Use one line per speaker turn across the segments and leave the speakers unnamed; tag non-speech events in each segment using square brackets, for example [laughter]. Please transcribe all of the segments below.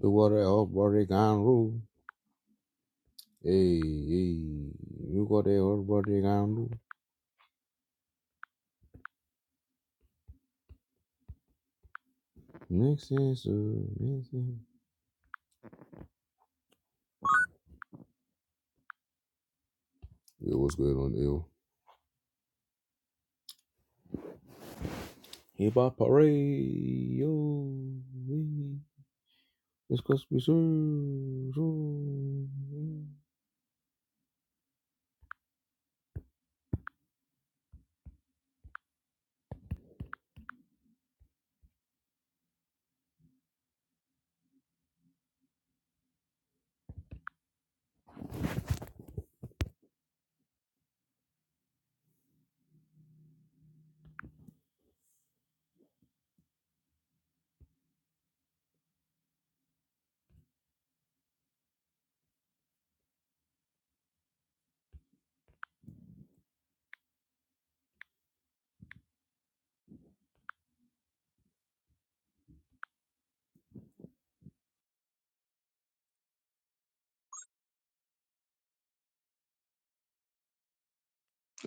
Do what the whole body can do. Hey, hey, you got the whole body can do. Makes sense, uh, makes sense. Yo, what's good on ill? Hip hop parade, yo. Hey. It's cause we serve.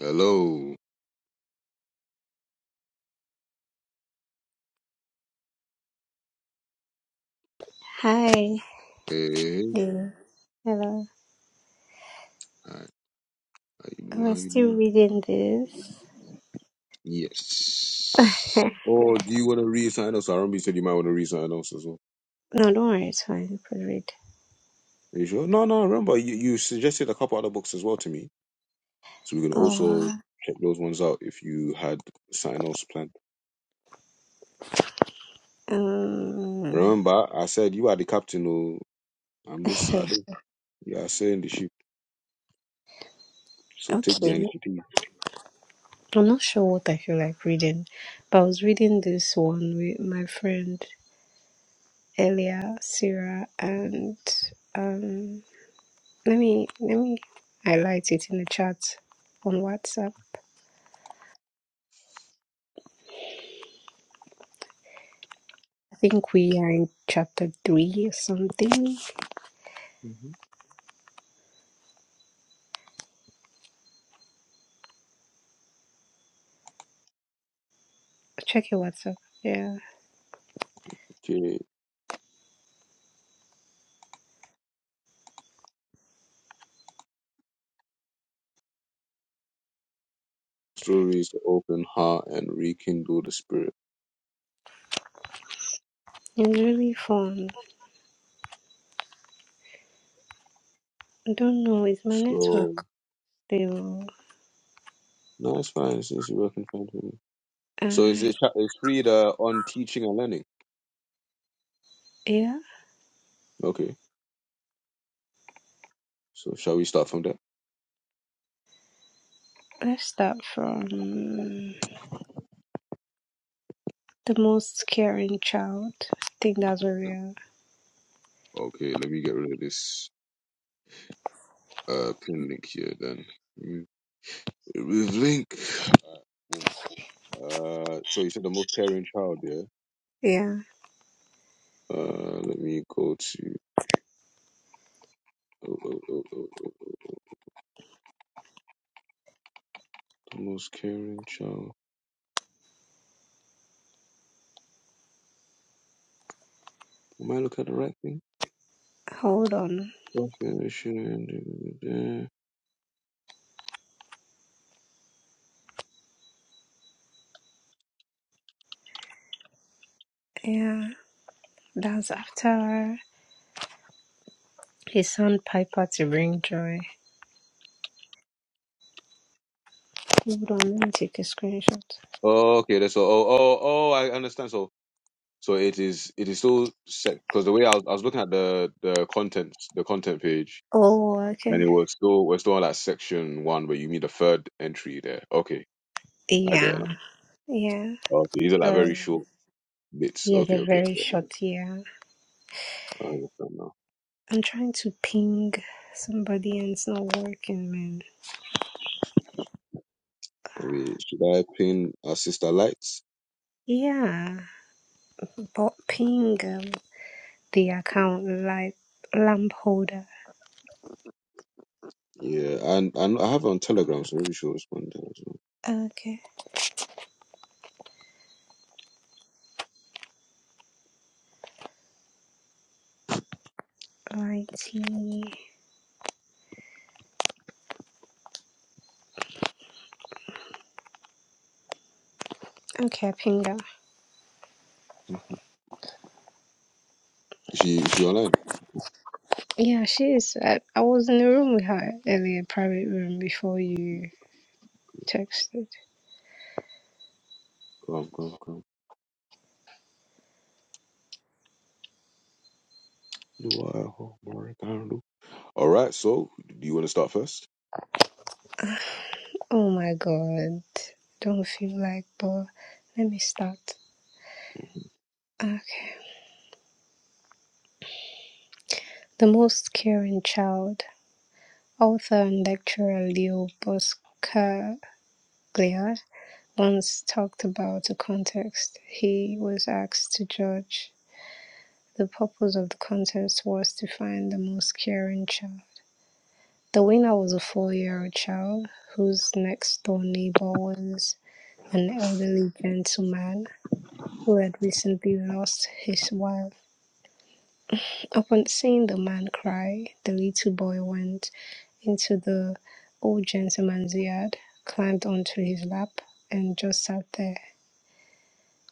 Hello.
Hi,
Hey, hey, hey.
Lou. Hello.
All right. How you
I
doing? How
was
you
still
doing?
reading this.
Yes.
[laughs]
Oh, do you want to re-sign us? I remember you said you might want to re-sign us as well.
no, don't worry, it's fine. You could read.
Are you sure? No, no. I remember you, you suggested a couple other books as well to me. So we can also
Oh,
check those ones out if you had something else planned.
um,
Remember, I said you are the captain. Oh, I'm
[laughs]
this. I do. You are saying the ship. So take the
okay.
initiative.
I'm not sure what I feel like reading, but I was reading this one with my friend Elia, Sarah, and um, let me let me highlight it in the chat on WhatsApp. I think we are in chapter three or something.
hmm
Check your WhatsApp. Yeah,
Okay. Stories to open heart and rekindle the spirit.
it's really fun. I don't know, It's my
So
network still?
no, it's fine since you're working fine for me. So is
Uh,
it? It's free the on teaching and learning.
yeah,
Okay. So shall we start from there?
let's start from the most caring child. I think that's where we are.
Okay. Let me get rid of this uh pin link here. Then remove remove link. boom. Uh, so you said the most caring child, yeah?
Yeah,
Uh, let me go to oh, oh, oh, oh, oh, the most caring child. Am I looking at the right thing?
hold on. Yeah, that's after his son Piper to bring joy. Hold on, let me take a screenshot.
Oh, okay, that's all. Oh, oh, oh, I understand. So, so it is, it is still set because the way I was, I was looking at the the content, the content page,
Oh,
and
okay.
it was still we're still on like section one where you meet the third entry there. Okay, I get it.
Yeah, yeah.
Okay, these are like very
Sorry.
short bits.
Yeah,
Okay,
they're
okay,
very
okay. okay.
short. Yeah,
I understand now.
I'm trying to ping somebody and it's not working, man.
We should I pin our sister lights?
Yeah, but ping. um, the account like lamp holder.
Yeah, and and I have her on Telegram, so maybe she'll respond there as well.
Okay. Righty. Okay, Pinga.
Mhm. Is she is she online?
Yeah, she is. I, I was in the room with her earlier, private room, before you texted.
Come come come. Do I hold my candle? All right. So do you want to start first?
Oh my god. Don't feel like, but let me start. Okay. The most caring child, author and lecturer Leo Buscaglia once talked about the context he was asked to judge The purpose of the contest was to find the most caring child. The winner was a four-year-old child whose next-door neighbor was an elderly gentleman who had recently lost his wife. Upon seeing the man cry, the little boy went into the old gentleman's yard, climbed onto his lap, and just sat there.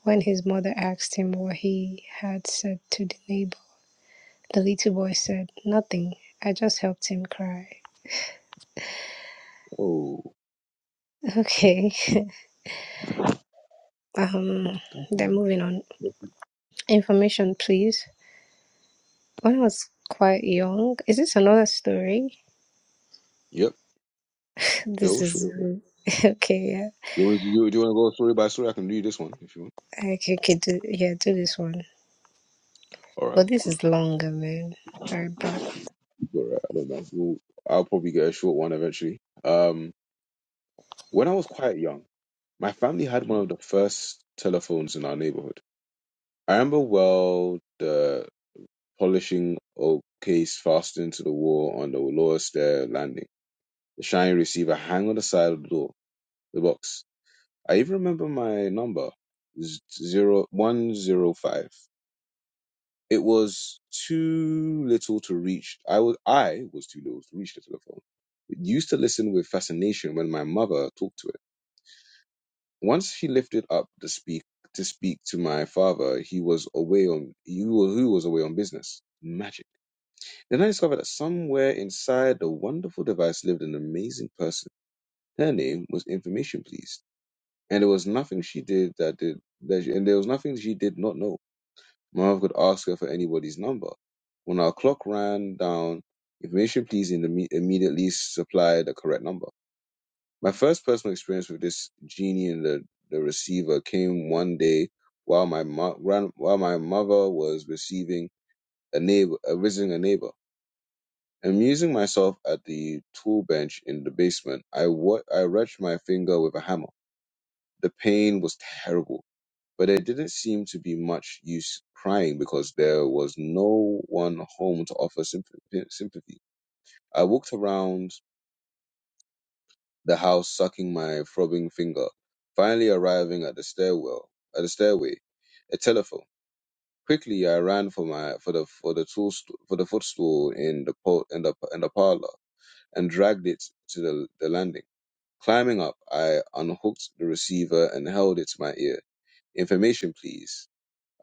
When his mother asked him what he had said to the neighbor, The little boy said, Nothing. I just helped him cry.
Oh.
Okay. [laughs] Um then moving on. Information please. When I was quite young. Is this another story?
Yep.
[laughs] This
Oh
is
sure. Do
[laughs] okay, yeah.
you want to do, you- do you want to go story by story? I can do this one if you want.
I can, do yeah, do this one.
All right.
But this
cool.
is longer man. Alright, but
Alright, I don't know. We'll, I'll probably get a short one eventually. Um, when I was quite young, my family had one of the first telephones in our neighborhood. I remember well the polishing oak case fastened to the wall on the lower stair landing, the shiny receiver hang on the side of the door, the box. I even remember my number, z- zero one zero five. It was too little to reach. I was I was too little to reach the telephone used to listen with fascination when my mother talked to it. Once she lifted up the speak to speak to my father, he was away on he was, who was away on business. Magic. Then I discovered that somewhere inside the wonderful device lived an amazing person. Her name was Information Please, and there was nothing she did that did that, she- and there was nothing she did not know. My mother could ask her for anybody's number. When our clock ran down, Information Please in the, immediately supplied the correct number. My first personal experience with this genie and the, the receiver came one day while my mo- gran- while my mother was receiving a neighbor, uh, visiting a neighbor. Amusing myself at the tool bench in the basement, I wa- I wrenched my finger with a hammer. The pain was terrible, but there didn't seem to be much use crying because there was no one home to offer sympathy. sympathy. I walked around the house sucking my throbbing finger. Finally arriving at the stairwell, at the stairway, a telephone. Quickly, I ran for my for the for the tool st- for the footstool in the po- in the in the parlor and dragged it to the, the landing. Climbing up, I unhooked the receiver and held it to my ear. Information, please,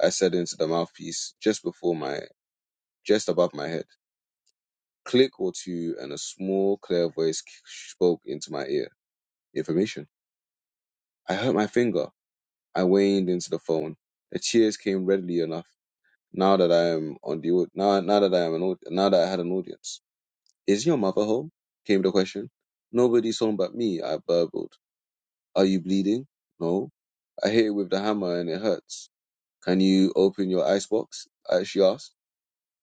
I said into the mouthpiece just before my just above my head. Click or two, and a small, clear voice spoke into my ear. Information. I hurt my finger. I waned into the phone. The cheers came readily enough. Now that I am on the au- now now that I am an au- now that I had an audience, is your mother home? Came the question. Nobody's home but me. I burbled. Are you bleeding? No. I hit it with the hammer and it hurts. Can you open your icebox? I- She asked.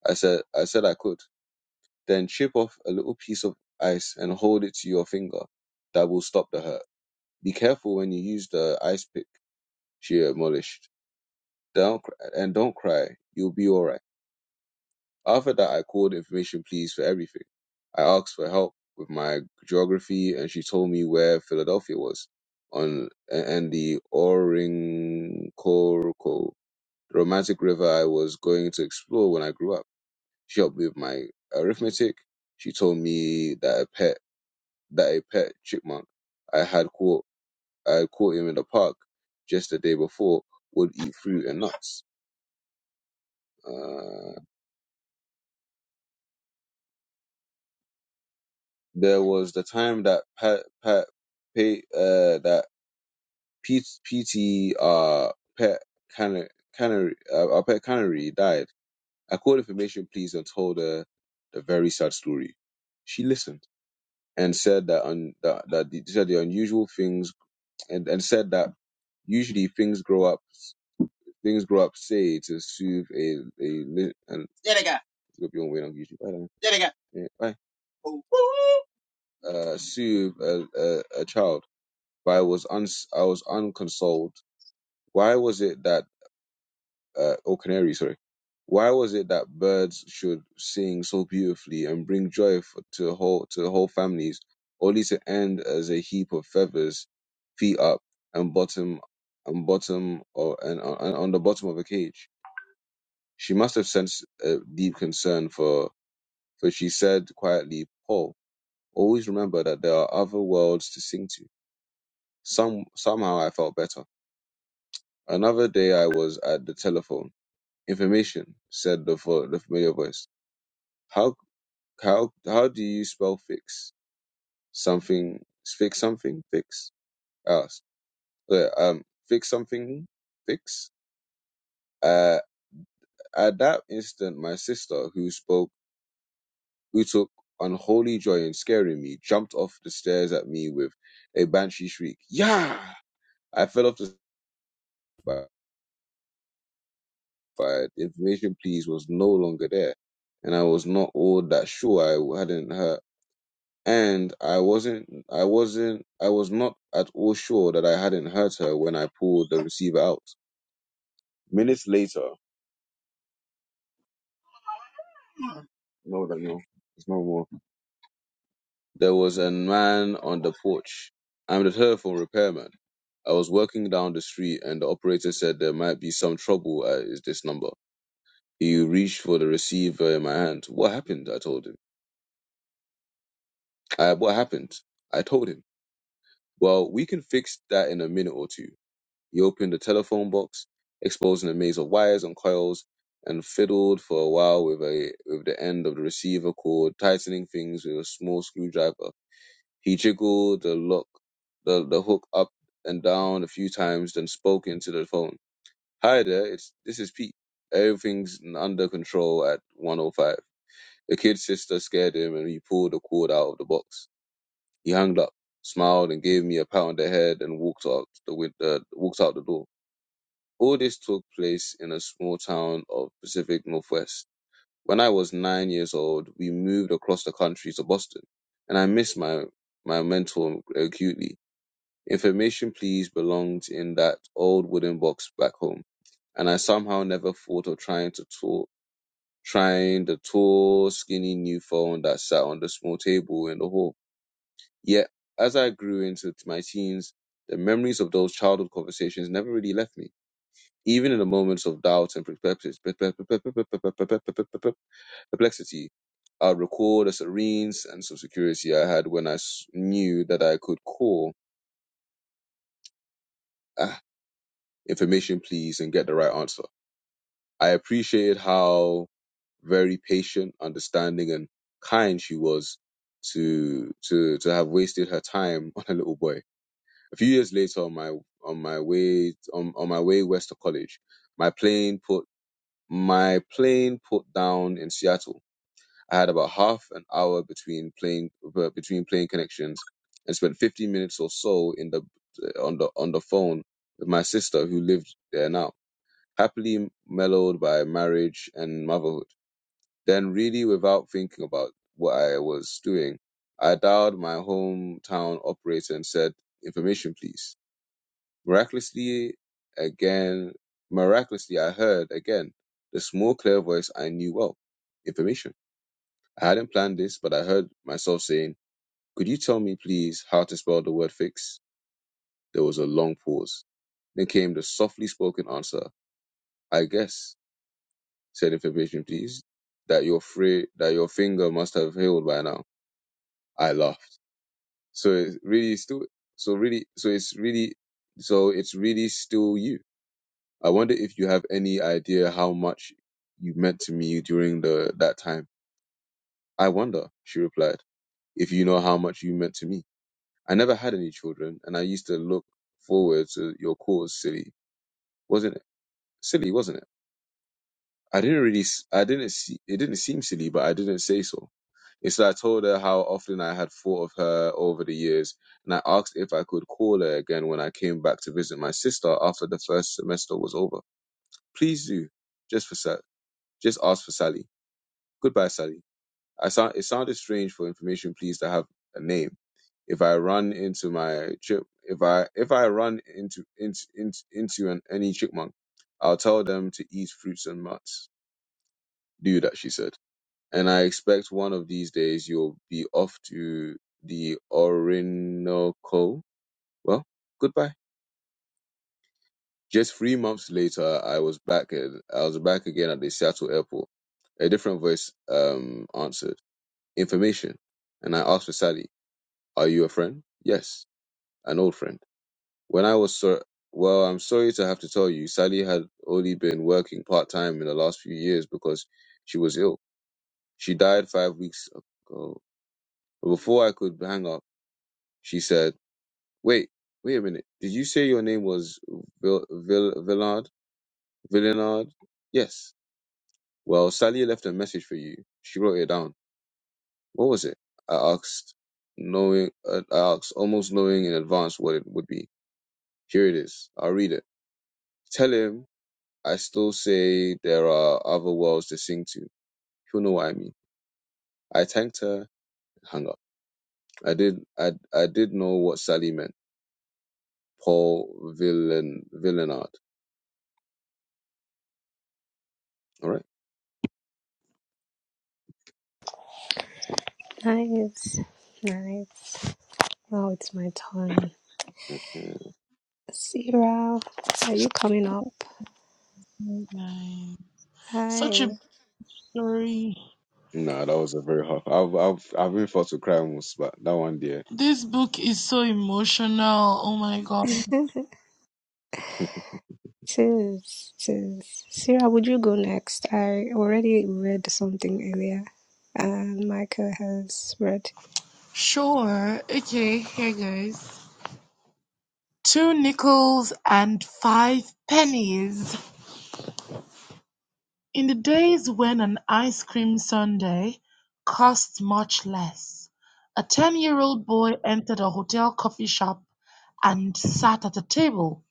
I said I said I could. Then chip off a little piece of ice and hold it to your finger. That will stop the hurt. Be careful when you use the ice pick. She admonished. Don't cry, and don't cry. You'll be all right. After that, I called information please for everything. I asked for help with my geography, and she told me where Philadelphia was on and the Orinoco, the romantic river I was going to explore when I grew up. She helped me with my arithmetic. She told me that a pet that a pet chipmunk I had caught I had caught him in the park just the day before would eat fruit and nuts. Uh, there was the time that Pat Pat Pay uh that Pete PT uh Pet Canary Canary uh, uh, Pet Canary died. I called information please and told her the very sad story. She listened and said that un, that that the, said the unusual things and, and said that usually things grow up things grow up say to soothe a a li- and you'll be on way on YouTube. Bye. then. Yeah, bye. Uh, soothe a, a, a child, but I was uns I was unconsoled Why was it that uh, or canary, sorry? Why was it that birds should sing so beautifully and bring joy f- to whole to whole families, only to end as a heap of feathers, feet up and bottom and bottom or and, on- and on the bottom of a cage? She must have sensed a deep concern for, for she said quietly, "Paul, always remember that there are other worlds to sing to." Some somehow I felt better. Another day I was at the telephone "Information," said the vo- the familiar voice. "How how how do you spell fix? Something fix something fix?" I asked. "Uh, um, fix something fix." Uh, at that instant, my sister, who spoke, who took unholy joy in scaring me, jumped off the stairs at me with a banshee shriek. "Yeah!" I fell off the but, but the information, please, was no longer there, and I was not all that sure I hadn't heard. and I wasn't, I wasn't, I was not at all sure that I hadn't hurt her when I pulled the receiver out. Minutes later, no, no, no, it's no more. There was a man on the porch. I'm the telephone repairman. I was working down the street, and the operator said there might be some trouble at is this number. He reached for the receiver in my hand. What happened? I told him. I, what happened? I told him. Well, we can fix that in a minute or two. He opened the telephone box, exposing a maze of wires and coils, and fiddled for a while with a with the end of the receiver cord, tightening things with a small screwdriver. He jiggled the lock the, the hook up and down a few times, then spoke into the phone. Hi there, it's this is Pete. Everything's under control at 105. The kid's sister scared him and he pulled the cord out of the box. He hung up, smiled and gave me a pat on the head and walked out the, win- uh, walked out the door. All this took place in a small town of Pacific Northwest. When I was nine years old, we moved across the country to Boston, and I missed my, my mentor acutely. Information please belonged in that old wooden box back home, and I somehow never thought of trying to talk, trying the tall, skinny new phone that sat on the small table in the hall. Yet, as I grew into my teens, the memories of those childhood conversations never really left me even in the moments of doubt and perplexity, I recall the serene sense of security I had when I s- knew that I could call ah, information, please, and get the right answer. I appreciated how very patient, understanding, and kind she was to to to have wasted her time [laughs] on a little boy. A few years later, on my on my way on, on my way west to college, my plane put my plane put down in Seattle I had about half an hour between playing between playing connections, and spent 15 minutes or so in the on the on the phone with my sister who lived there now, happily mellowed by marriage and motherhood. Then, really, without thinking about what I was doing, I dialed my hometown operator and said, "Information, please." Miraculously, again, miraculously, I heard again the small clear voice I knew well. Information. I hadn't planned this, but I heard myself saying, Could you tell me, please, how to spell the word fix? There was a long pause. Then came the softly spoken answer, I guess, said information, please, that your free, that your finger must have healed by now. I laughed. So it's really still, so really, so it's really, so it's really still you. I wonder if you have any idea how much you meant to me during the, that time. I wonder, she replied, if you know how much you meant to me. I never had any children, and I used to look forward to your calls. silly, wasn't it? Silly, wasn't it? I didn't really, s- I didn't see, it didn't seem silly, but I didn't say so. Instead, I told her how often I had thought of her over the years, and I asked if I could call her again when I came back to visit my sister after the first semester was over. Please do, just for Sa- just ask for Sally. Goodbye, Sally. I sound, it sounded strange for information, please, to have a name if I run into my chip, if I if I run into into into, into an, any chipmunk, I'll tell them to eat fruits and nuts. Do that, she said. And I expect one of these days you'll be off to the Orinoco. Well, goodbye. Just three months later, I was back at I was back again at the Seattle airport. A different voice um answered information, and I asked for Sally, "Are you a friend?" Yes, an old friend. When I was so well, I'm sorry to have to tell you, Sally had only been working part time in the last few years because she was ill. She died five weeks ago. But before I could hang up, she said, "Wait, wait a minute. Did you say your name was Vil- Vil- Villard? Villenard? Yes. Well, Sally left a message for you. She wrote it down. What was it? I asked, knowing, uh, I asked, almost knowing in advance what it would be. Here it is. I'll read it. Tell him I still say there are other worlds to sing to. You will know what I mean. I thanked her and hung up. I did I I did know what Sally meant. Paul Villan Villanard. All right.
nice. Nice. Now it's my turn.
Yeah.
Sierra, are you coming up?
Right. Such
Hi.
a story.
Nah, that was a very hard. I've I've I've been forced to cry almost, but that one there.
This book is so emotional. Oh my god.
[laughs] Sis, sis. Sarah, would you go next? I already read something earlier, and Michael has read. [laughs]
Sure. Okay, here goes. Two nickels and five pennies. In the days when an ice cream sundae cost much less, a 10 year old boy entered a hotel coffee shop and sat at a table.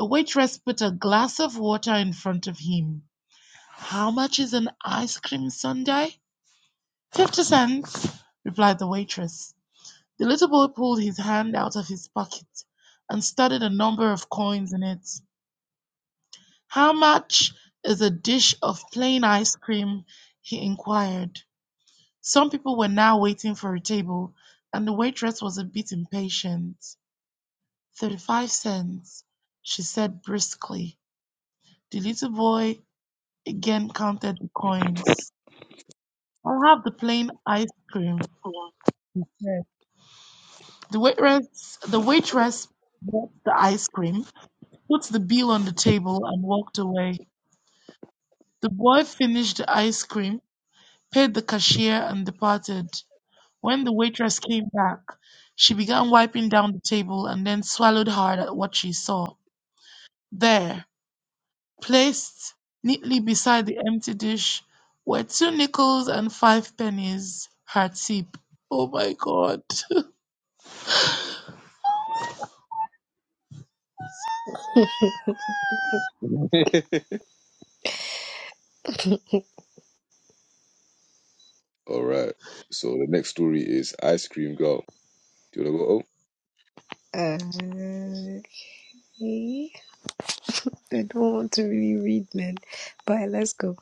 A waitress put a glass of water in front of him. How much is an ice cream sundae? Fifty cents, replied the waitress. The little boy pulled his hand out of his pocket and studied a number of coins in it. How much is a dish of plain ice cream? he inquired. Some people were now waiting for a table, and the waitress was a bit impatient. Thirty-five cents, she said briskly. The little boy again counted the coins. I'll have the plain ice cream, he said. The waitress, the waitress bought the ice cream, put the bill on the table, and walked away. The boy finished the ice cream, paid the cashier, and departed. When the waitress came back, she began wiping down the table and then swallowed hard at what she saw. There, placed neatly beside the empty dish, were two nickels and five pennies, her tip. Oh my god. [laughs]
All right. So the next story is Ice Cream Girl. Do you wanna go?
Uh, okay. I don't want to really read, man. But let's go.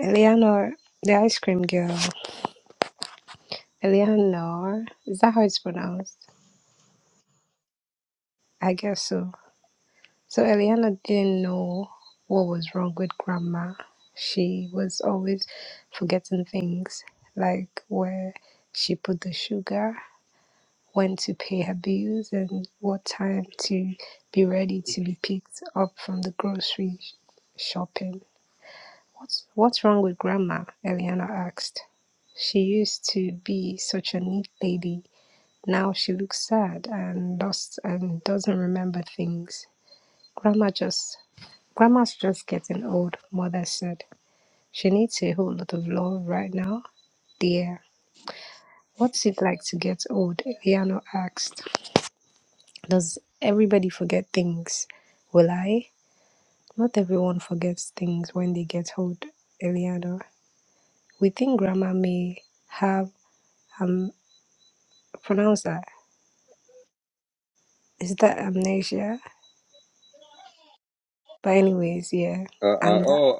Eleanor, the ice cream girl. Eleanor, is that how it's pronounced? I guess so. So Eleanor didn't know what was wrong with grandma. She was always forgetting things, like where she put the sugar when to pay her bills and what time to be ready to be picked up from the grocery shopping. What's, what's wrong with grandma? Eliana asked. She used to be such a neat lady. Now she looks sad and lost and doesn't remember things. Grandma just grandma's just getting old, mother said. She needs a whole lot of love right now, dear. What's it like to get old? Eliana asked. Does everybody forget things? Will I? Not everyone forgets things when they get old, Eliana. We think grandma may have um pronounce that. Is that amnesia? But anyways, yeah.
Oh, uh,
And
uh,
that
oh,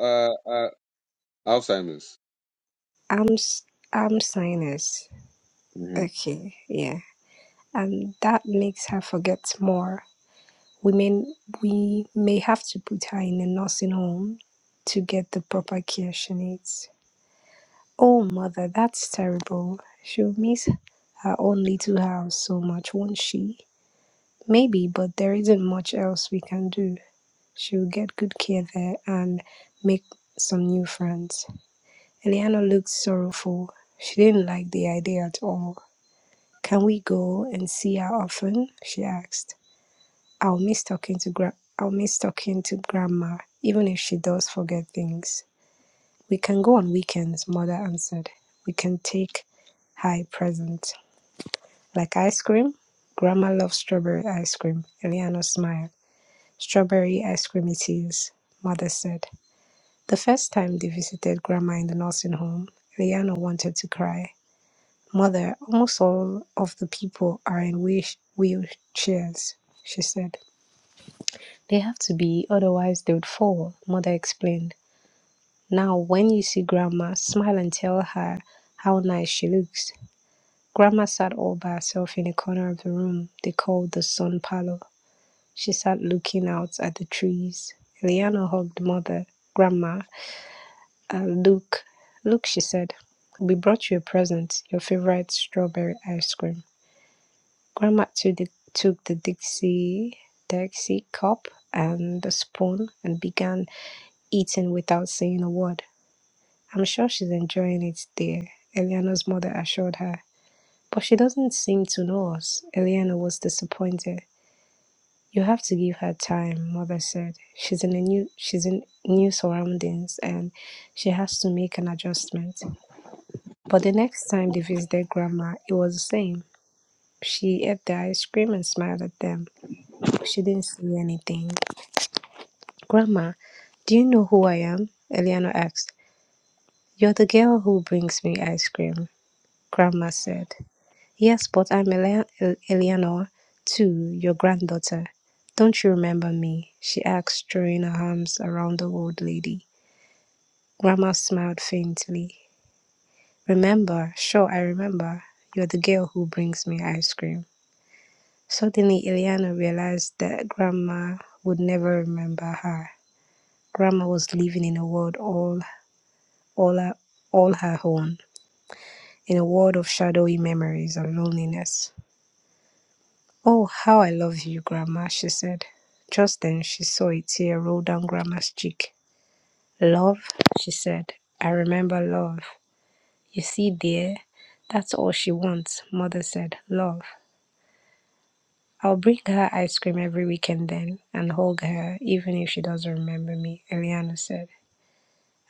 uh, uh, Alzheimer's.
am am sinus.
Mhm.
Okay, yeah. And that makes her forget more. We may we may have to put her in a nursing home to get the proper care she needs. Oh, mother, that's terrible. She'll miss her own little house so much, won't she? Maybe, but there isn't much else we can do. She'll get good care there and make some new friends. Eliana looked sorrowful. She didn't like the idea at all. Can we go and see her often? she asked. I'll miss talking to gra- I'll miss talking to grandma, even if she does forget things. We can go on weekends, mother answered. We can take high present. Like ice cream? Grandma loves strawberry ice cream. Eliano smiled. Strawberry ice cream it is, mother said. The first time they visited grandma in the nursing home, Eliano wanted to cry. Mother, almost all of the people are in wheel- wheelchairs, she said. They have to be, otherwise they would fall, mother explained. Now, when you see grandma, smile and tell her how nice she looks. Grandma sat all by herself in a corner of the room they called the sun parlor. She sat looking out at the trees. Eliana hugged mother, grandma, and Luke. Look, she said, we brought you a present, your favorite strawberry ice cream. Grandma took the, took the Dixie, Dixie cup and the spoon and began eating without saying a word. I'm sure she's enjoying it, dear, Eliana's mother assured her. But she doesn't seem to know us. Eliana was disappointed. You have to give her time, mother said. She's in a new she's in new surroundings and she has to make an adjustment. But the next time they visited grandma, it was the same. She ate the ice cream and smiled at them, but she didn't say anything. Grandma, do you know who I am? Eliana asked. You're the girl who brings me ice cream, grandma said. Yes, but I'm Ele- El- Eleanor, too, your granddaughter. Don't you remember me? she asked, throwing her arms around the old lady. Grandma smiled faintly. Remember? Sure, I remember. You're the girl who brings me ice cream. Suddenly, Eleanor realized that Grandma would never remember her. Grandma was living in a world all, all, her, all her own, in a world of shadowy memories and loneliness. "Oh, how I love you, Grandma," she said. Just then she saw a tear roll down Grandma's cheek. "Love?" she said. "I remember love. You see, dear, that's all she wants," Mother said. "Love. I'll bring her ice cream every weekend then and hug her, even if she doesn't remember me," Eliana said.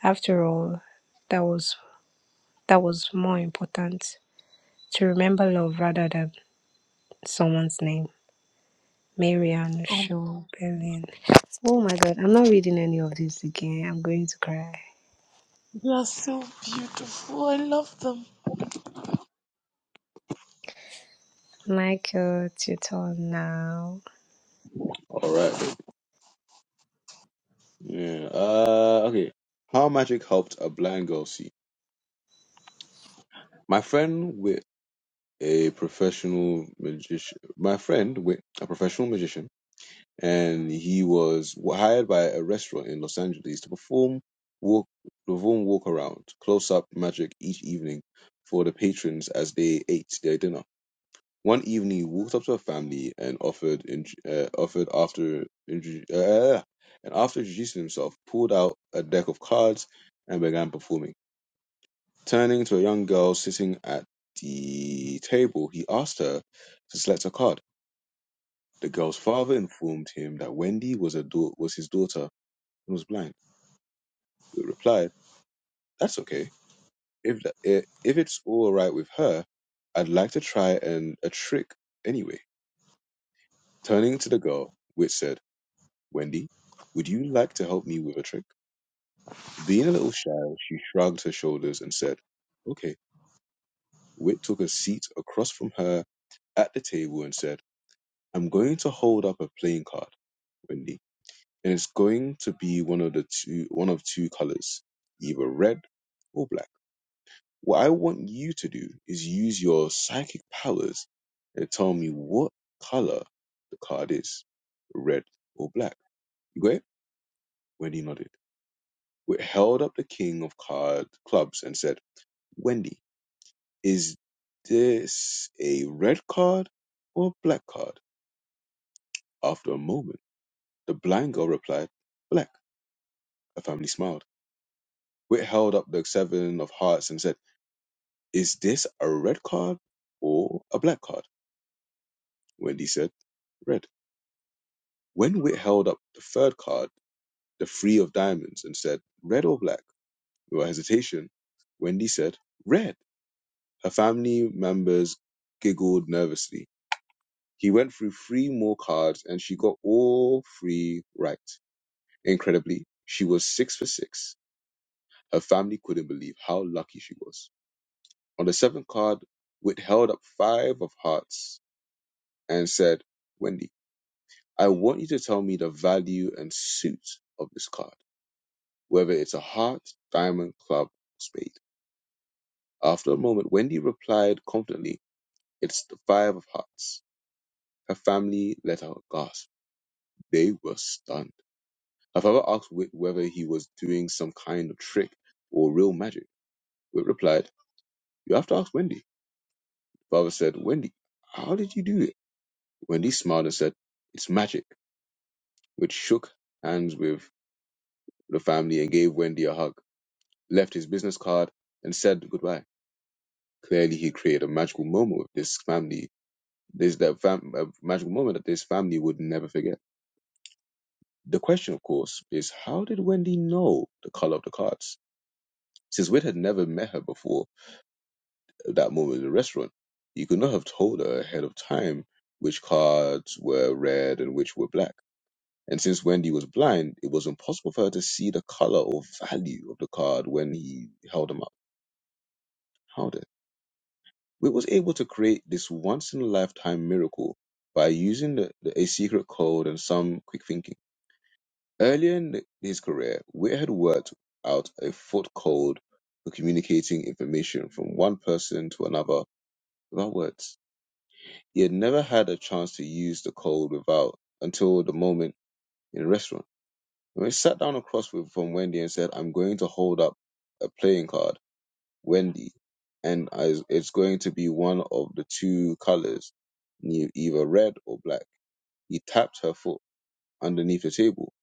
After all, that was that was more important to remember love rather than someone's name. Marianne
Oh,
Schobelin. Oh my god, I'm not reading any of this again. I'm going to cry.
they are so beautiful. I love them.
Michael Tutor now.
All right. Yeah. Uh, okay. How magic helped a blind girl see. My friend with a professional magician. My friend with a professional magician, and he was hired by a restaurant in Los Angeles to perform walk perform walk around close up magic each evening for the patrons as they ate their dinner. One evening, he walked up to her family and offered, in, uh, offered after, intro- uh, and after introducing himself, pulled out a deck of cards and began performing. Turning to a young girl sitting at the table, he asked her to select a card. The girl's father informed him that Wendy was a da- was his daughter and was blind. He replied, "That's okay. If that, i- if it's all right with her, I'd like to try and a trick anyway." Turning to the girl, which said. Wendy, would you like to help me with a trick? Being a little shy, she shrugged her shoulders and said, Okay. Wit took a seat across from her at the table and said, I'm going to hold up a playing card, Wendy, and it's going to be one of the two one of two colors, either red or black. What I want you to do is use your psychic powers and tell me what color the card is, red or black. You got it? Wendy nodded. Wh- held up the king of card clubs and said, Wendy, is this a red card or a black card? After a moment, the blind girl replied, Black. Her family smiled. Wit held up the seven of hearts and said, Is this a red card or a black card? Wendy said, Red. When Wit held up the third card, the three of diamonds, and said, Red or black? Without hesitation, Wendy said, Red. Her family members giggled nervously He went through three more cards and she got all three right. Incredibly, she was six for six. Her family couldn't believe how lucky she was. On the seventh card, Whit held up five of hearts and said, Wendy, I want you to tell me the value and suit of this card, whether it's a heart, diamond, club, or spade. After a moment, Wendy replied confidently, It's the five of hearts. Her family let out a gasp. They were stunned. Her father asked Wick whether he was doing some kind of trick or real magic. Wick replied, You have to ask Wendy. Father said, Wendy, how did you do it? Wendy smiled and said, It's magic. Which shook hands with the family and gave Wendy a hug, left his business card, and said goodbye. Clearly, he created a magical moment with this family. This that fam- a magical moment that this family would never forget. The question, of course, is how did Wendy know the color of the cards? Since Witt had never met her before, at that moment in the restaurant. You could not have told her ahead of time which cards were red and which were black. And since Wendy was blind, it was impossible for her to see the color or value of the card when he held them up. How did? We was able to create this once in a lifetime miracle by using the, the, a secret code and some quick thinking. Earlier in the, his career, Witt had worked out a foot code for communicating information from one person to another without words. He had never had a chance to use the code without until the moment in the restaurant. When he sat down across with, from Wendy and said, I'm going to hold up a playing card, Wendy, and I, it's going to be one of the two colors, either red or black. He tapped her foot underneath the table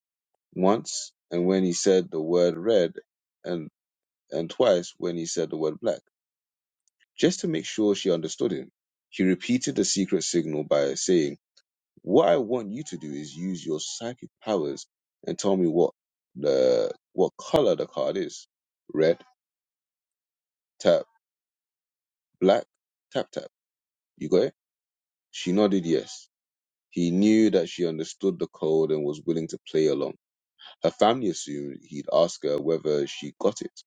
once, and when he said the word red, and, and twice when he said the word black, just to make sure she understood him. He repeated the secret signal by saying, What I want you to do is use your psychic powers and tell me what the what color the card is. Red, tap, black, tap, tap. You got it? She nodded yes. He knew that she understood the code and was willing to play along. Her family assumed he'd ask her whether she got it.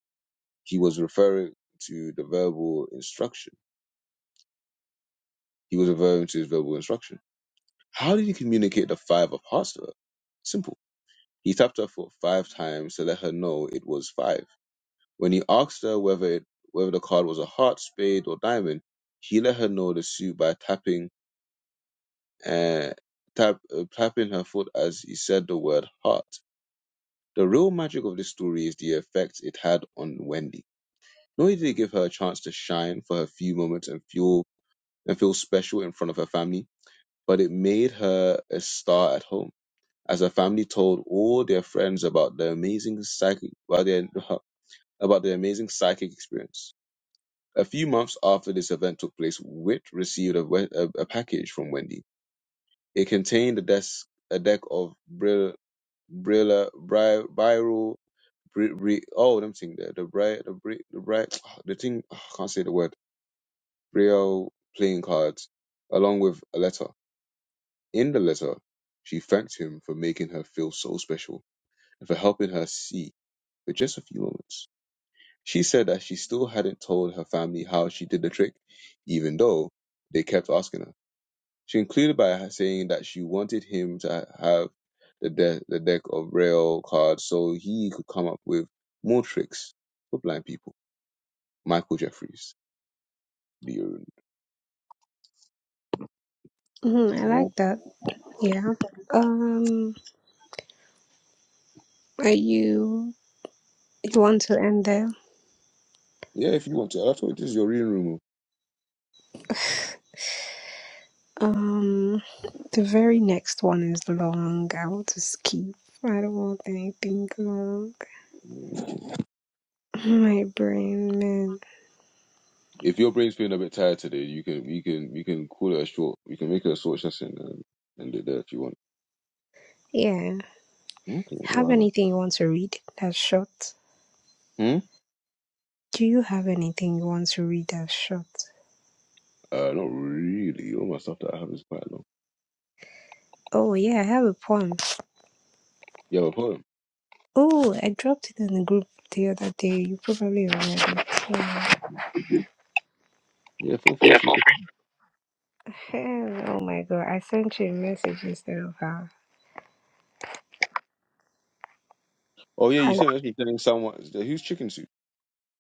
He was referring to the verbal instruction. He was referring to his verbal instruction. How did he communicate the five of hearts to her? Simple. He tapped her foot five times to let her know it was five. When he asked her whether it, whether the card was a heart, spade, or diamond, he let her know the suit by tapping uh, tap, uh, tapping her foot as he said the word heart. The real magic of this story is the effect it had on Wendy. Not only did it give her a chance to shine for her few moments and feel and feel special in front of her family, but it made her a star at home. As her family told all their friends about the amazing psychic about their about the amazing psychic experience. A few months after this event took place, Witt received a, we- a, a package from Wendy. It contained a desk, a deck of Brill, Brilla, Bri, Biro, Bri, Bri, oh, them thing there, the Bri, the Bri, the Bri, [sighs] [tsk] the thing, I can't say the word, Brill playing cards, along with a letter. In the letter, she thanked him for making her feel so special and for helping her see for just a few moments. She said that she still hadn't told her family how she did the trick, even though they kept asking her. She concluded by saying that she wanted him to have the, de- the deck of rail cards so he could come up with more tricks for blind people. Michael Jeffries, the urine.
Mhm, I like that. Yeah. Um are you you want to end there?
Yeah, if you want to. I thought this is your reading room. oh.
Um the very next one is long. I want to skip. I don't want anything long. [laughs] My brain man.
If your brain's feeling a bit tired today, you can you can you can call it a short. You can make it a short session and end it there if you want.
Yeah.
Okay,
Have
well,
anything you want to read that's short?
hmm?
Do you have anything you want to read that's short?
Uh, not really. All my stuff that I have is quite long.
Oh yeah, I have a poem.
Yo, hold on.
Oh, I dropped it in the group the other day. You probably remember. Yeah.
Yeah, feel free to.
Ahem, [laughs] oh my god, I sent you a message instead of her.
Oh yeah, you
I,
said that's the thing. Someone who's chicken soup.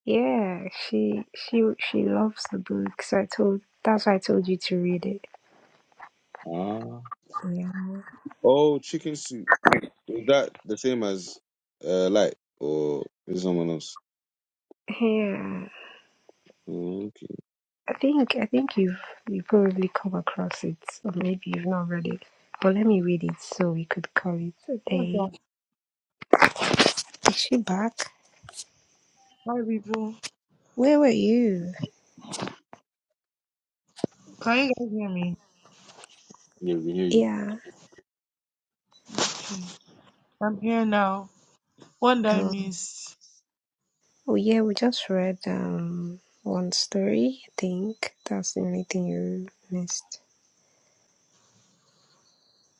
yeah, she she she loves the book, so I told that's why I told you to read it.
Ah.
Yeah,
Oh, chicken soup. Is that the same as uh light or is it someone else?
yeah.
Okay.
I think I think you've you probably come across it, or maybe you've not read it. But let me read it so we could call it a
Well done.
day. Is she back?
Hi, people.
Where were you?
Can you guys hear me?
Yeah, we hear you.
Yeah.
I'm here now. One that I
No.
missed.
Oh yeah, we just read um one story, I think. That's the only thing you missed.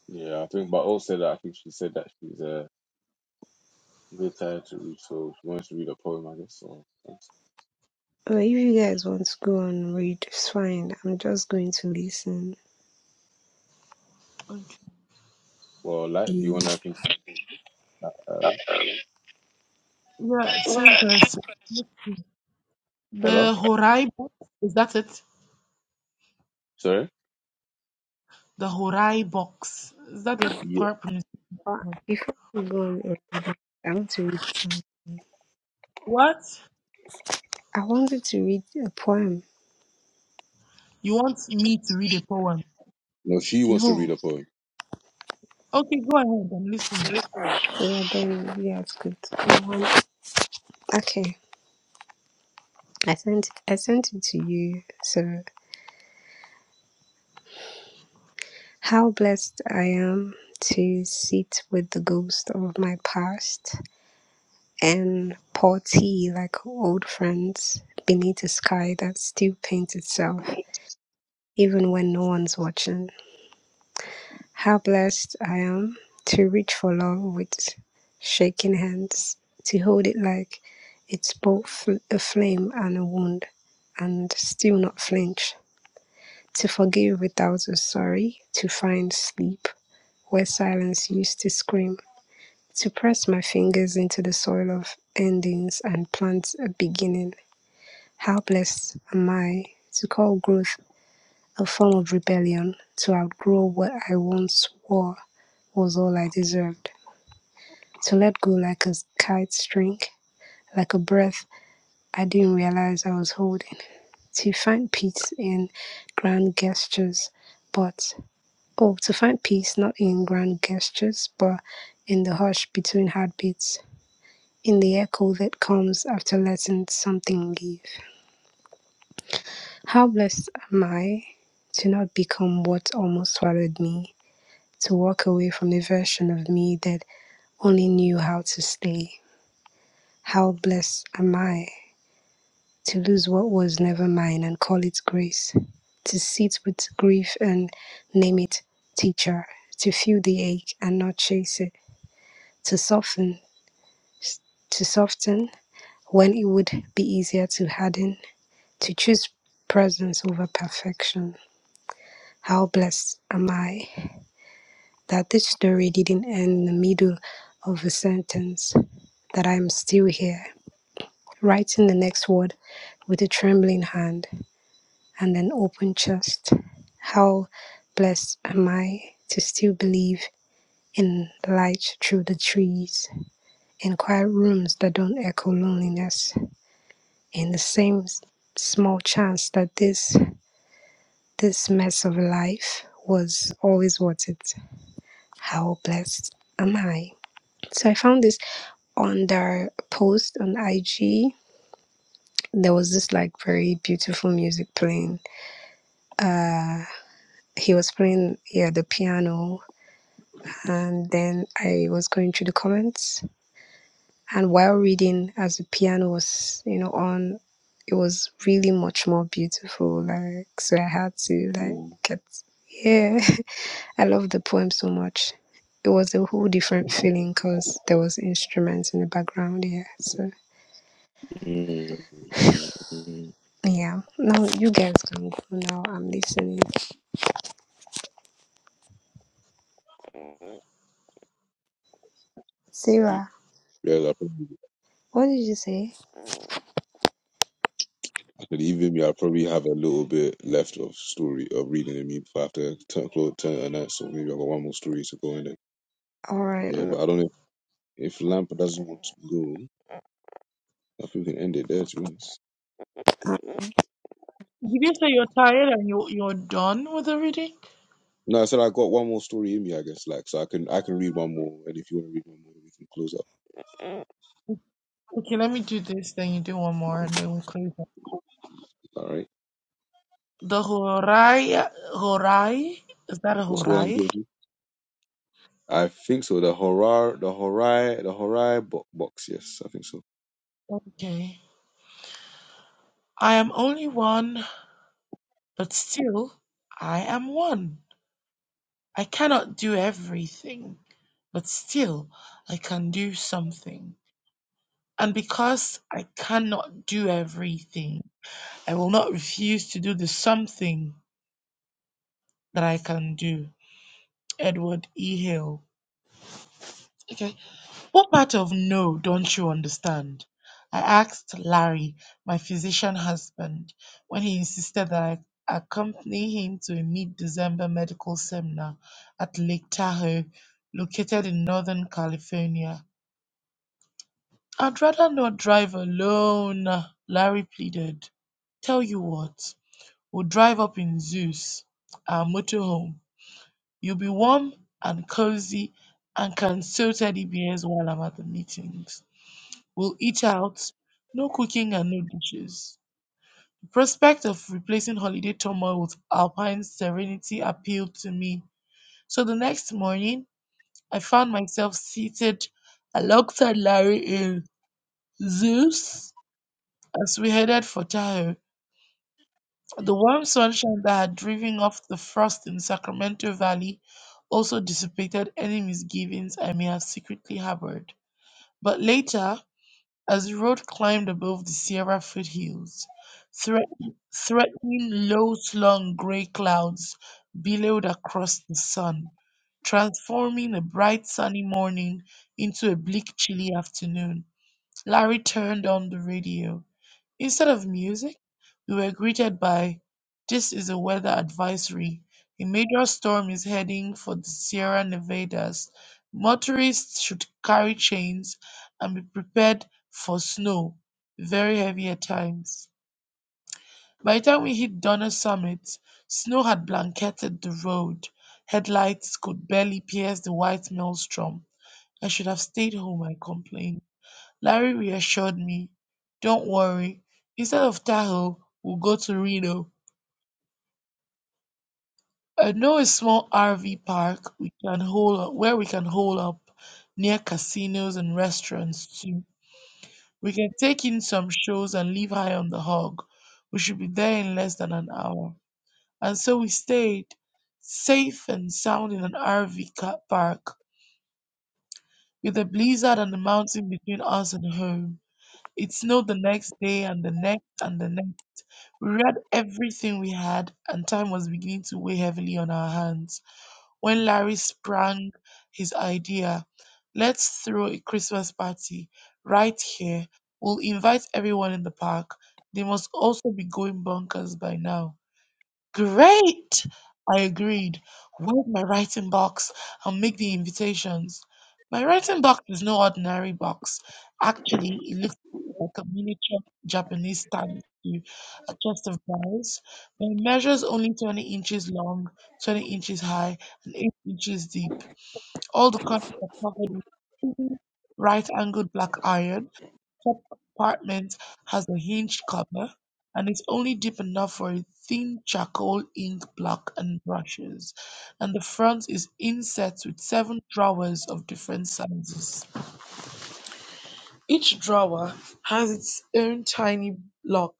Yeah, I think, but also that I think she said that she's uh, a bit tired to read, so she wants to read a poem, I guess. So, thanks.
But if you guys want to go and read, it's fine. I'm just going to listen.
Okay.
well, like, do you
Eh,
want to continue? Uh, like,
Yeah, same person.
hello?
The Horai box. Is that it?
Sorry?
The Horai box. Is that the
Yeah.
correct pronunciation?
but Before we go on, read, I want to read some-
What?
I wanted to read a poem.
You want me to read a poem?
No, she wants to
No.
read a poem.
Okay, go ahead. I'm listening.
Yeah, then yeah, it's good. I want- Okay. I sent I sent it to you. So how blessed I am to sit with the ghost of my past. and Paul T, like old friends, beneath a sky that still paints itself, even when no one's watching. How blessed I am to reach for love with shaking hands, to hold it like it's both a flame and a wound, and still not flinch, to forgive without a sorry, to find sleep where silence used to scream. To press my fingers into the soil of endings and plant a beginning How blessed am I to call growth a form of rebellion, to outgrow what I once swore was all I deserved, to let go like a kite string, like a breath I didn't realize I was holding, to find peace in grand gestures, but oh, to find peace not in grand gestures, but in the hush between heartbeats, in the echo that comes after letting something leave. How blessed am I to not become what almost swallowed me, to walk away from a version of me that only knew how to stay. How blessed am I to lose what was never mine and call it grace, to sit with grief and name it teacher, to feel the ache and not chase it, to soften, to soften when it would be easier to harden, to choose presence over perfection. How blessed am I? that this story didn't end in the middle of a sentence, that I am still here, writing the next word with a trembling hand and an open chest. How blessed am I to still believe in light through the trees, in quiet rooms that don't echo loneliness, in the same small chance that this this mess of life was always worth it. How blessed am I? So I found this on their post on IG, there was this like very beautiful music playing. Uh, he was playing yeah the piano, and then I was going through the comments, and while reading, as the piano was you know on, it was really much more beautiful. Like so, I had to like
Mm.
get yeah. [laughs] I love the poem so much. It was a whole different feeling because there was instruments in the background. Yeah, so.
Mm, mm, mm.
Yeah. Now you guys can go now. I'm listening. Sarah,
Yeah, that.
what did you say?
But even me, I probably have a little bit left of story of reading in me. If after turn close, turn and that, so maybe I got one more story to go in it.
All right.
Yeah,
mm,
but I don't know if Lampa doesn't want to go. I think we can end it there, to be honest.
Did you say you're tired and you you're done with the reading?
No, I said I got one more story in me, I guess. Like, so I can I can read one more, and if you want to read one more, we can close up.
Okay, let me do this. Then you do one more, and then we close. up.
All right.
The Horai Horai. Is that a
What's going on,
Horai?
Piercy? I think so. The horror, the horror, the horror bo- box. Yes, I think so.
Okay. I am only one, but still I am one. I cannot do everything, but still I can do something. And because I cannot do everything, I will not refuse to do the something that I can do. Edward E. Hale. Okay. What part of no don't you understand? I asked Larry, my physician husband, when he insisted that I accompany him to a mid December medical seminar at Lake Tahoe, located in Northern California. I'd rather not drive alone, Larry pleaded. Tell you what, we'll drive up in Zeus, our motorhome. You'll be warm and cozy and can still teddy bears while I'm at the meetings. We'll eat out. No cooking and no dishes. The prospect of replacing holiday turmoil with alpine serenity appealed to me. So the next morning, I found myself seated alongside Larry in Zeus as we headed for Tahoe. The warm sunshine that had driven off the frost in Sacramento Valley also dissipated any misgivings I may have secretly harbored. But later, as the road climbed above the Sierra foothills, threat- threatening low slung gray clouds billowed across the sun, transforming a bright sunny morning into a bleak, chilly afternoon. Larry turned on the radio. Instead of music, we were greeted by This is a weather advisory. A major storm is heading for the Sierra Nevadas. Motorists should carry chains and be prepared for snow, very heavy at times. By the time we hit Donner Summit, snow had blanketed the road. Headlights could barely pierce the white maelstrom. I should have stayed home, I complained. Larry reassured me, Don't worry, instead of Tahoe, we'll go to Reno. I know a small RV park we can hold up, where we can hold up near casinos and restaurants too. We can take in some shows and leave high on the hog. We should be there in less than an hour. And so we stayed, safe and sound in an RV car park, with a blizzard and a mountain between us and home. It snowed the next day and the next and the next We read everything we had, and time was beginning to weigh heavily on our hands when Larry sprang his idea. Let's throw a Christmas party right here. We'll invite everyone in the park. They must also be going bonkers by now. Great! I agreed. Where's my writing box? I'll make the invitations. My writing box is no ordinary box. Actually, it looks like a miniature Japanese stand to a chest of drawers. It measures only 20 inches long, 20 inches high, and 8 inches deep. All the corners are covered with right angled black iron compartment has a hinged cover and is only deep enough for a thin charcoal ink block and brushes, and the front is inset with seven drawers of different sizes. Each drawer has its own tiny lock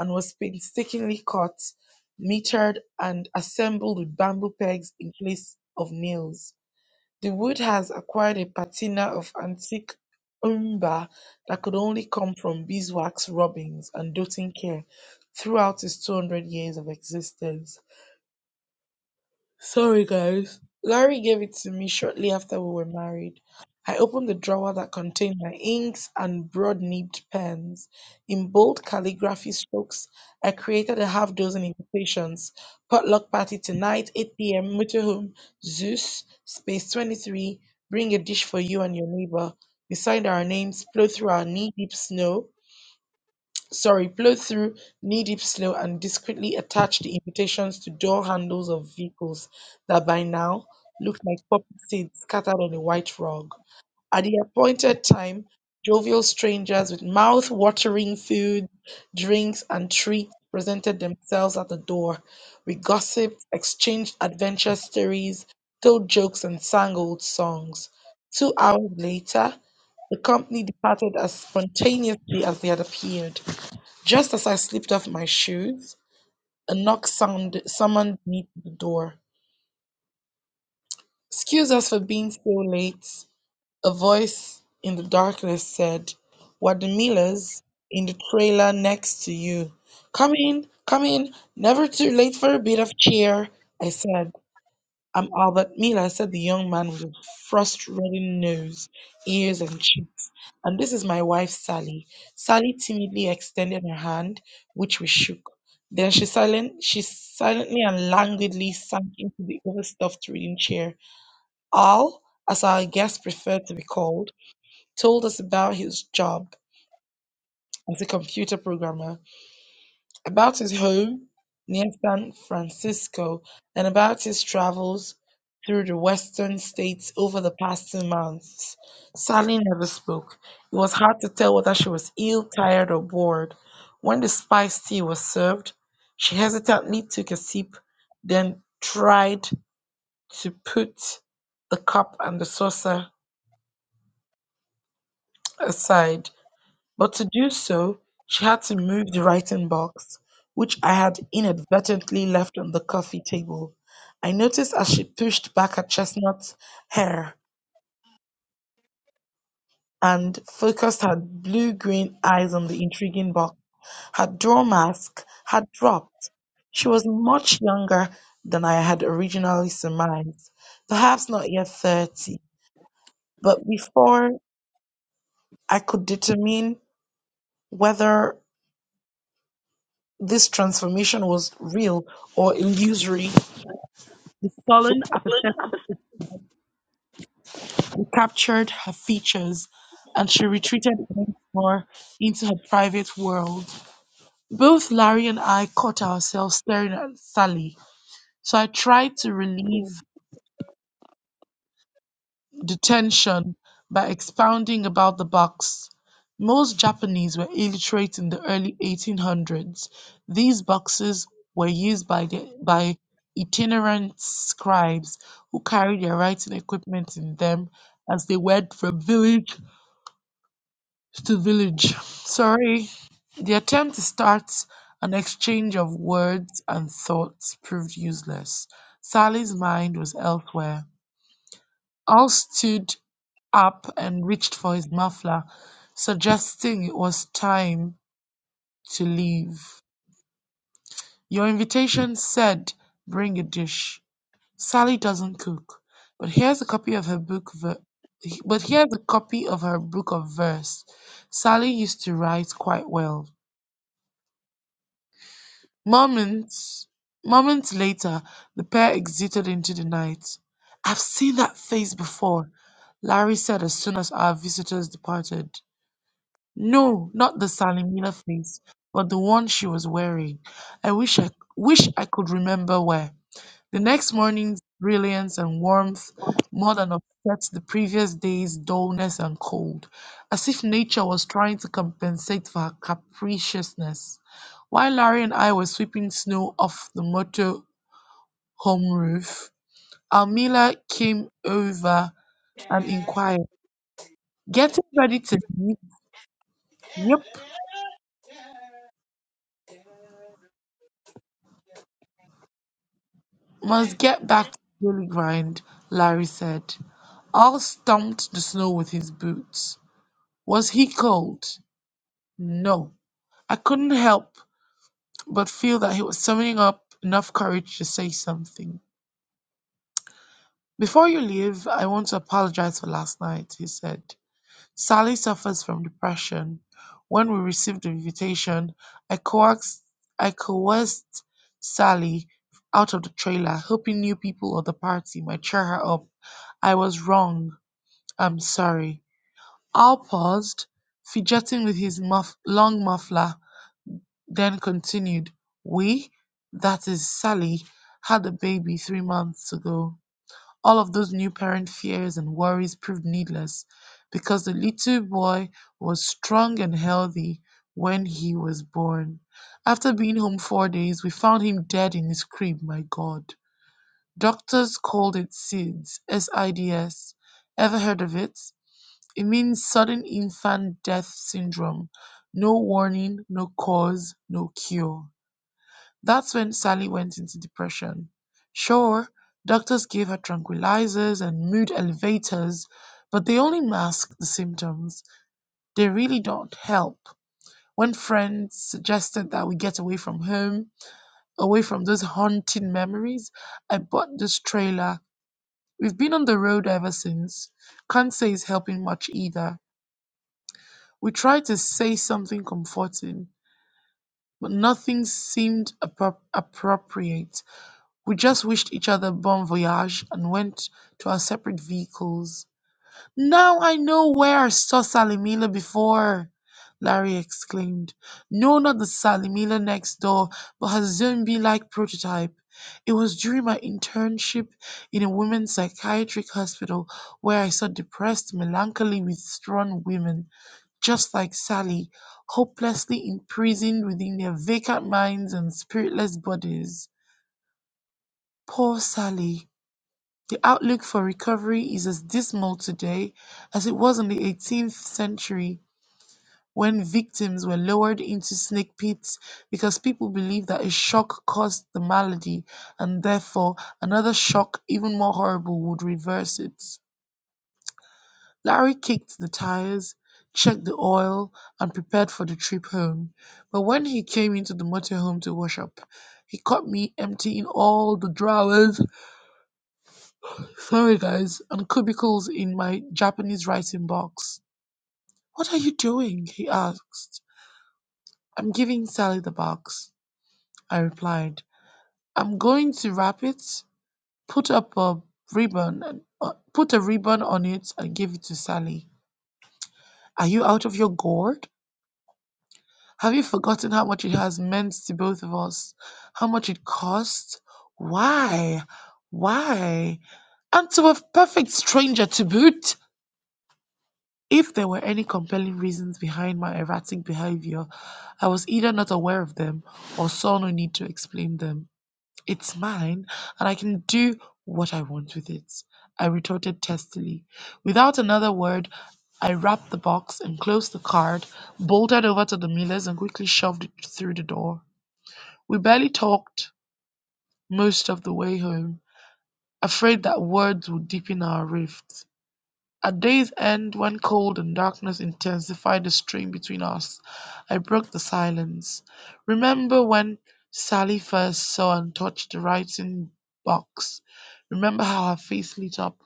and was painstakingly cut, metered, and assembled with bamboo pegs in place of nails. The wood has acquired a patina of antique umber that could only come from beeswax rubbings and doting care throughout its 200 years of existence. Sorry, guys. Larry gave it to me shortly after we were married. I opened the drawer that contained my inks and broad nibbed pens. In bold calligraphy strokes, I created a half dozen invitations potluck party tonight, 8 p.m., motorhome, Zeus, Space 23, bring a dish for you and your neighbor. We signed our names, plowed through our knee deep snow, sorry, plow through knee-deep snow and discreetly attach the invitations to door handles of vehicles that by now looked like poppy seeds scattered on a white rug. At the appointed time, jovial strangers with mouth-watering food, drinks, and treats presented themselves at the door. We gossiped, exchanged adventure stories, told jokes, and sang old songs. Two hours later, the company departed as spontaneously as they had appeared. Just as I slipped off my shoes, a knock sound summoned me to the door. Excuse us for being so late, a voice in the darkness said. We're the Millers in the trailer next to you. Come in, come in, never too late for a bit of cheer, I said. Um, Albert Miller said the young man with a frost-reddened nose, ears, and cheeks. And this is my wife, Sally. Sally timidly extended her hand, which we shook. Then she silent, she silently and languidly sank into the overstuffed reading chair. Al, as our guest preferred to be called, told us about his job as a computer programmer about his home near San Francisco, and about his travels through the western states over the past two months. Sally never spoke. It was hard to tell whether she was ill, tired, or bored. When the spiced tea was served, she hesitantly took a sip, then tried to put the cup and the saucer aside. But to do so, she had to move the writing box, which I had inadvertently left on the coffee table. I noticed as she pushed back her chestnut hair and focused her blue green eyes on the intriguing box. Her door mask had dropped. She was much younger than I had originally surmised, perhaps not yet 30. But before I could determine whether this transformation was real or illusory, the sullen apathetic recaptured her features, and she retreated once more into her private world. Both Larry and I caught ourselves staring at Sally, so I tried to relieve detention by expounding about the box. Most Japanese were illiterate in the early 1800s. These boxes were used by, the, by itinerant scribes who carried their writing equipment in them as they went from village to village. [laughs] Sorry. The attempt to start an exchange of words and thoughts proved useless. Sally's mind was elsewhere. All stood up and reached for his muffler, suggesting it was time to leave. Your invitation said bring a dish. Sally doesn't cook, but here's a copy of her book ver- but here's a copy of her book of verse. Sally used to write quite well. Moments moments later, the pair exited into the night. I've seen that face before, Larry said as soon as our visitors departed. No, not the Salimina face, but the one she was wearing. I wish I wish I could remember where. The next morning's brilliance and warmth more than upset the previous day's dullness and cold, as if nature was trying to compensate for her capriciousness. While Larry and I were sweeping snow off the motor home roof, Almila came over and inquired, Getting ready to leave? Yep, Must get back to the daily grind, Larry said. Al stomped the snow with his boots. Was he cold? No. I couldn't help but feel that he was summoning up enough courage to say something. Before you leave, I want to apologize for last night, he said. Sally suffers from depression. When we received the invitation, I coaxed, I coerced Sally out of the trailer, hoping new people at the party might cheer her up. I was wrong. I'm sorry. Al paused, fidgeting with his muff, long muffler, then continued, We, that is Sally, had a baby three months ago. All of those new parent fears and worries proved needless because the little boy was strong and healthy when he was born. After being home four days, we found him dead in his crib, my God. Doctors called it SIDS, S-I-D-S. Ever heard of it? It means sudden infant death syndrome. No warning, no cause, no cure. That's when Sally went into depression. Sure, doctors gave her tranquilizers and mood elevators, but they only mask the symptoms. They really don't help. When friends suggested that we get away from home, away from those haunting memories, I bought this trailer. We've been on the road ever since. Can't say it's helping much either. We tried to say something comforting, but nothing seemed appro- appropriate. We just wished each other bon voyage and went to our separate vehicles. Now I know where I saw Salimila before, Larry exclaimed. No, not the Salimila next door, but her zombie like prototype. It was during my internship in a women's psychiatric hospital where I saw depressed, melancholy, withdrawn women, just like Sally, hopelessly imprisoned within their vacant minds and spiritless bodies. Poor Sally. The outlook for recovery is as dismal today as it was in the 18th century when victims were lowered into snake pits because people believed that a shock caused the malady and therefore another shock, even more horrible, would reverse it. Larry kicked the tires, checked the oil, and prepared for the trip home. But when he came into the motorhome to wash up, he caught me emptying all the drawers Sorry guys, and cubicles in my Japanese writing box. What are you doing? he asked. I'm giving Sally the box, I replied. I'm going to wrap it, put up a ribbon, and, uh, put a ribbon on it and give it to Sally. Are you out of your gourd? Have you forgotten how much it has meant to both of us? How much it cost? Why? Why? And to a perfect stranger to boot? If there were any compelling reasons behind my erratic behavior, I was either not aware of them or saw no need to explain them. It's mine, and I can do what I want with it, I retorted testily. Without another word, I wrapped the box and closed the card, bolted over to the miller's, and quickly shoved it through the door. We barely talked most of the way home, afraid that words would deepen our rift. At day's end, when cold and darkness intensified the strain between us, I broke the silence. Remember when Sally first saw and touched the writing box? Remember how her face lit up?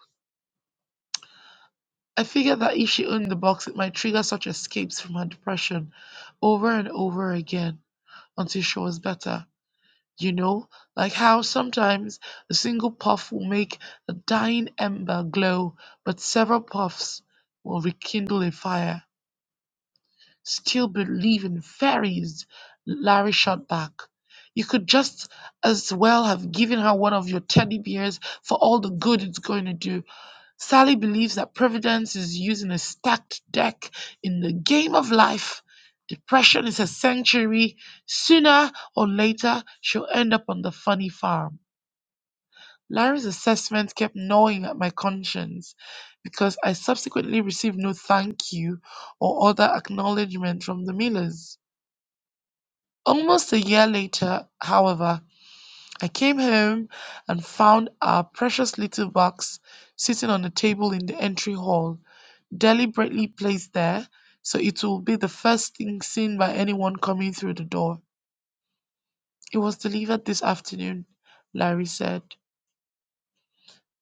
I figured that if she owned the box, it might trigger such escapes from her depression over and over again until she was better. You know, like how sometimes a single puff will make a dying ember glow, but several puffs will rekindle a fire. still believe in fairies, Larry shot back. You could just as well have given her one of your teddy bears for all the good it's going to do. Sally believes that Providence is using a stacked deck in the game of life. Depression is a sanctuary. Sooner or later, she'll end up on the funny farm. Larry's assessment kept gnawing at my conscience because I subsequently received no thank you or other acknowledgement from the Millers. Almost a year later, however, I came home and found our precious little box sitting on a table in the entry hall, deliberately placed there so it will be the first thing seen by anyone coming through the door. It was delivered this afternoon, Larry said.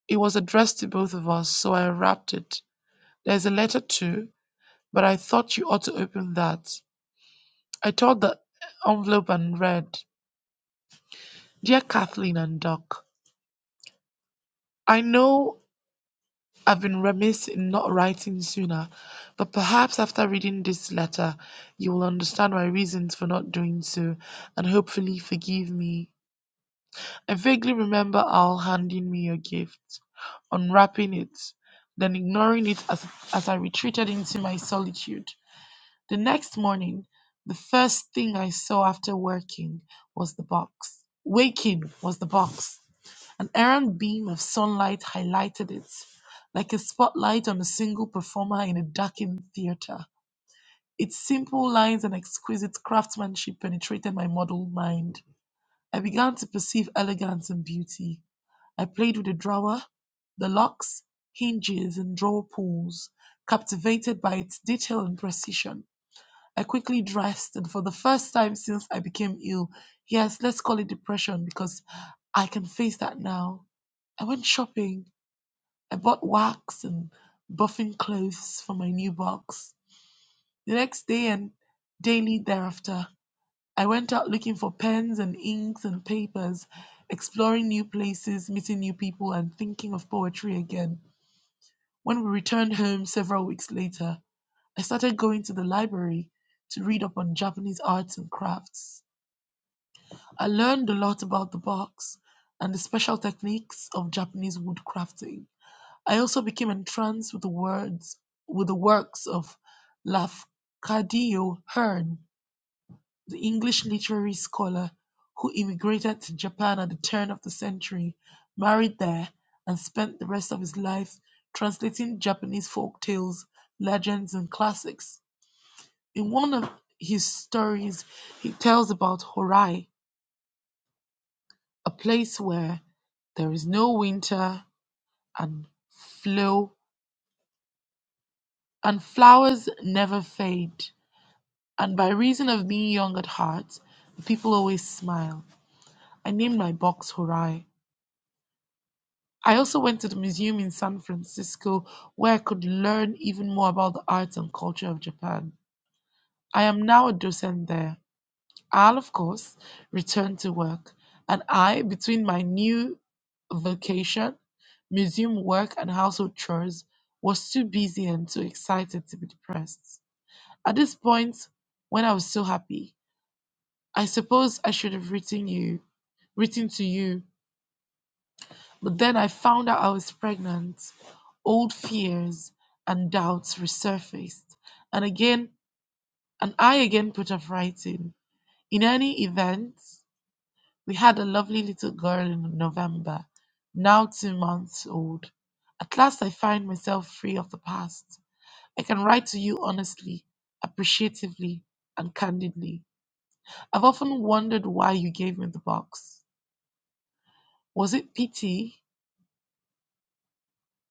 It was addressed to both of us, so I unwrapped it. There's a letter too, but I thought you ought to open that. I tore the envelope and read, Dear Kathleen and Doc, I know I've been remiss in not writing sooner, but perhaps after reading this letter, you will understand my reasons for not doing so and hopefully forgive me. I vaguely remember Al handing me your gift, unwrapping it, then ignoring it as, as I retreated into my solitude. The next morning, the first thing I saw after working was the box. Waking was the box. An errant beam of sunlight highlighted it, like a spotlight on a single performer in a darkened theater. Its simple lines and exquisite craftsmanship penetrated my muddled mind. I began to perceive elegance and beauty. I played with the drawer, the locks, hinges, and drawer pulls, captivated by its detail and precision. I quickly dressed, and for the first time since I became ill, yes, let's call it depression because I can face that now. I went shopping I bought wax and buffing clothes for my new box. The next day and daily thereafter, I went out looking for pens and inks and papers, exploring new places, meeting new people, and thinking of poetry again. When we returned home several weeks later, I started going to the library to read up on Japanese arts and crafts. I learned a lot about the box and the special techniques of Japanese woodcrafting. I also became entranced with the words with the works of Lafcadio Hearn, the English literary scholar who immigrated to Japan at the turn of the century, married there, and spent the rest of his life translating Japanese folk tales, legends, and classics. In one of his stories, he tells about Horai, a place where there is no winter and flow and flowers never fade. And by reason of being young at heart, the people always smile. I named my box Horai. I also went to the museum in San Francisco where I could learn even more about the arts and culture of Japan. I am now a docent there. I'll, of course, return to work, and I, between my new vocation, museum work, and household chores, was too busy and too excited to be depressed. At this point, when I was so happy, I suppose I should have written you, written to you, but then I found out I was pregnant. Old fears and doubts resurfaced, and again, and I again put off writing. In any event, we had a lovely little girl in November, now two months old. At last, I find myself free of the past. I can write to you honestly, appreciatively, and candidly. I've often wondered why you gave me the box. Was it pity?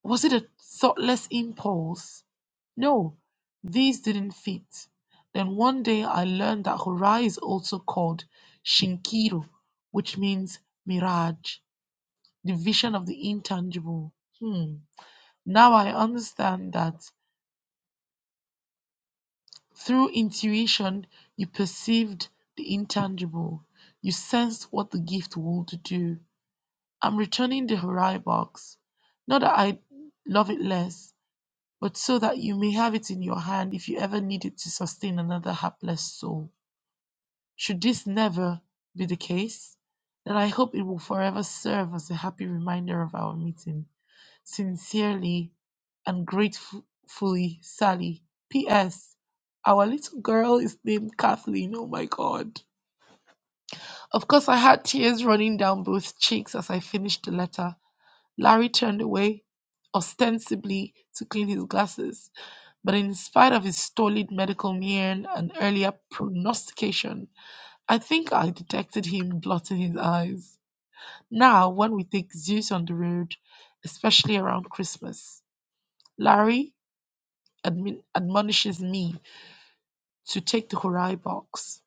Was it a thoughtless impulse? No, these didn't fit. Then one day I learned that Horai is also called Shinkiru, which means mirage, the vision of the intangible. Hmm. Now I understand that through intuition, you perceived the intangible. You sensed what the gift would do. I'm returning the Horai box. Not that I love it less, but so that you may have it in your hand if you ever need it to sustain another hapless soul. Should this never be the case, then I hope it will forever serve as a happy reminder of our meeting. Sincerely and gratefully, Sally. P.S. Our little girl is named Kathleen. Oh my God. Of course, I had tears running down both cheeks as I finished the letter. Larry turned away, ostensibly to clean his glasses, but in spite of his stolid medical mien and earlier prognostication, I think I detected him blotting his eyes. Now, when we take Zeus on the road, especially around Christmas, Larry admin- admonishes me to take the Horai box.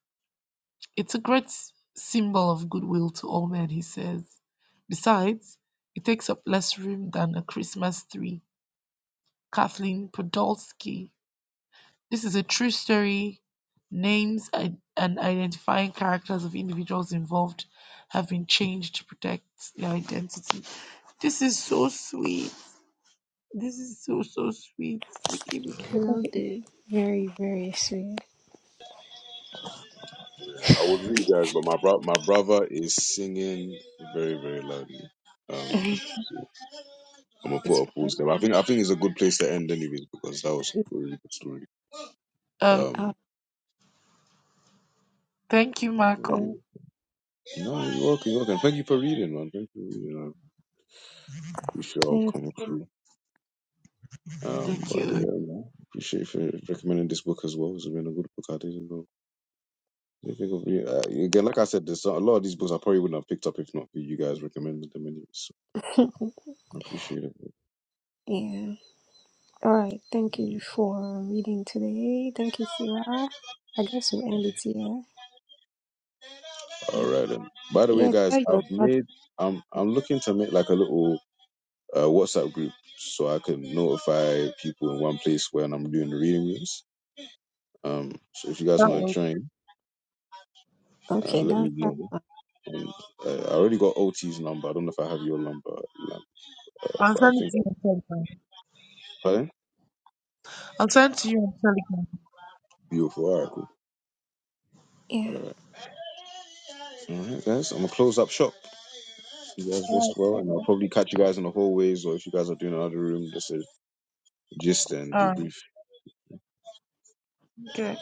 It's a great s- symbol of goodwill to all men, he says. Besides, it takes up less room than a Christmas tree Kathleen Podolsky. This is a true story. Names and identifying characters of individuals involved have been changed to protect their identity. This is so sweet. This is so, so sweet.
I love it. Very, very sweet.
I would read, guys, but my bro- my brother is singing very very loudly. Um,
[laughs] it's
I'm gonna put a
fine.
pause there. I think I think it's a good place to end, anyways, because that was a really good story.
Uh,
Uh,
Um,
thank you,
but
I
Marco.
yeah. no, you're welcome, you're welcome. Thank you for reading, man. Thank you. for reading. appreciate all
think-
coming through. Um,
Thank
but
you.
yeah, man, appreciate you for recommending this book as well. It's been a really good book. I didn't know. I think of you- uh, Again, like I said, there's a lot of these books I probably wouldn't have picked up if not for you guys recommending them. Anyway, so
[laughs]
I appreciate it.
yeah. All right. Thank you for reading today. Thank you, Sarah. I guess we'll end it here.
All right then. By the way,
Yeah, tell
guys,
your
I've
brother.
made I'm I'm looking to make like a little uh, WhatsApp group so I can notify people in one place when I'm doing the reading rooms. Um, so if you guys
That
want to
was,
join, uh,
Okay,
let
that's
me
that's
know.
fine.
And uh, I already got OT's number. I don't know if I have your number, Lam- uh,
I'll
but I
send it
think.
to you
I,
on Telegram.
pardon?
I'll send it to you on Telegram.
Beautiful. All right, cool.
Yeah.
All right. All right, guys. I'm gonna close up shop. You guys rest
All
well,
right,
and I'll
okay.
probably catch you guys in the hallways, or if you guys are doing another room, just a gist and
All right,
debrief.
okay.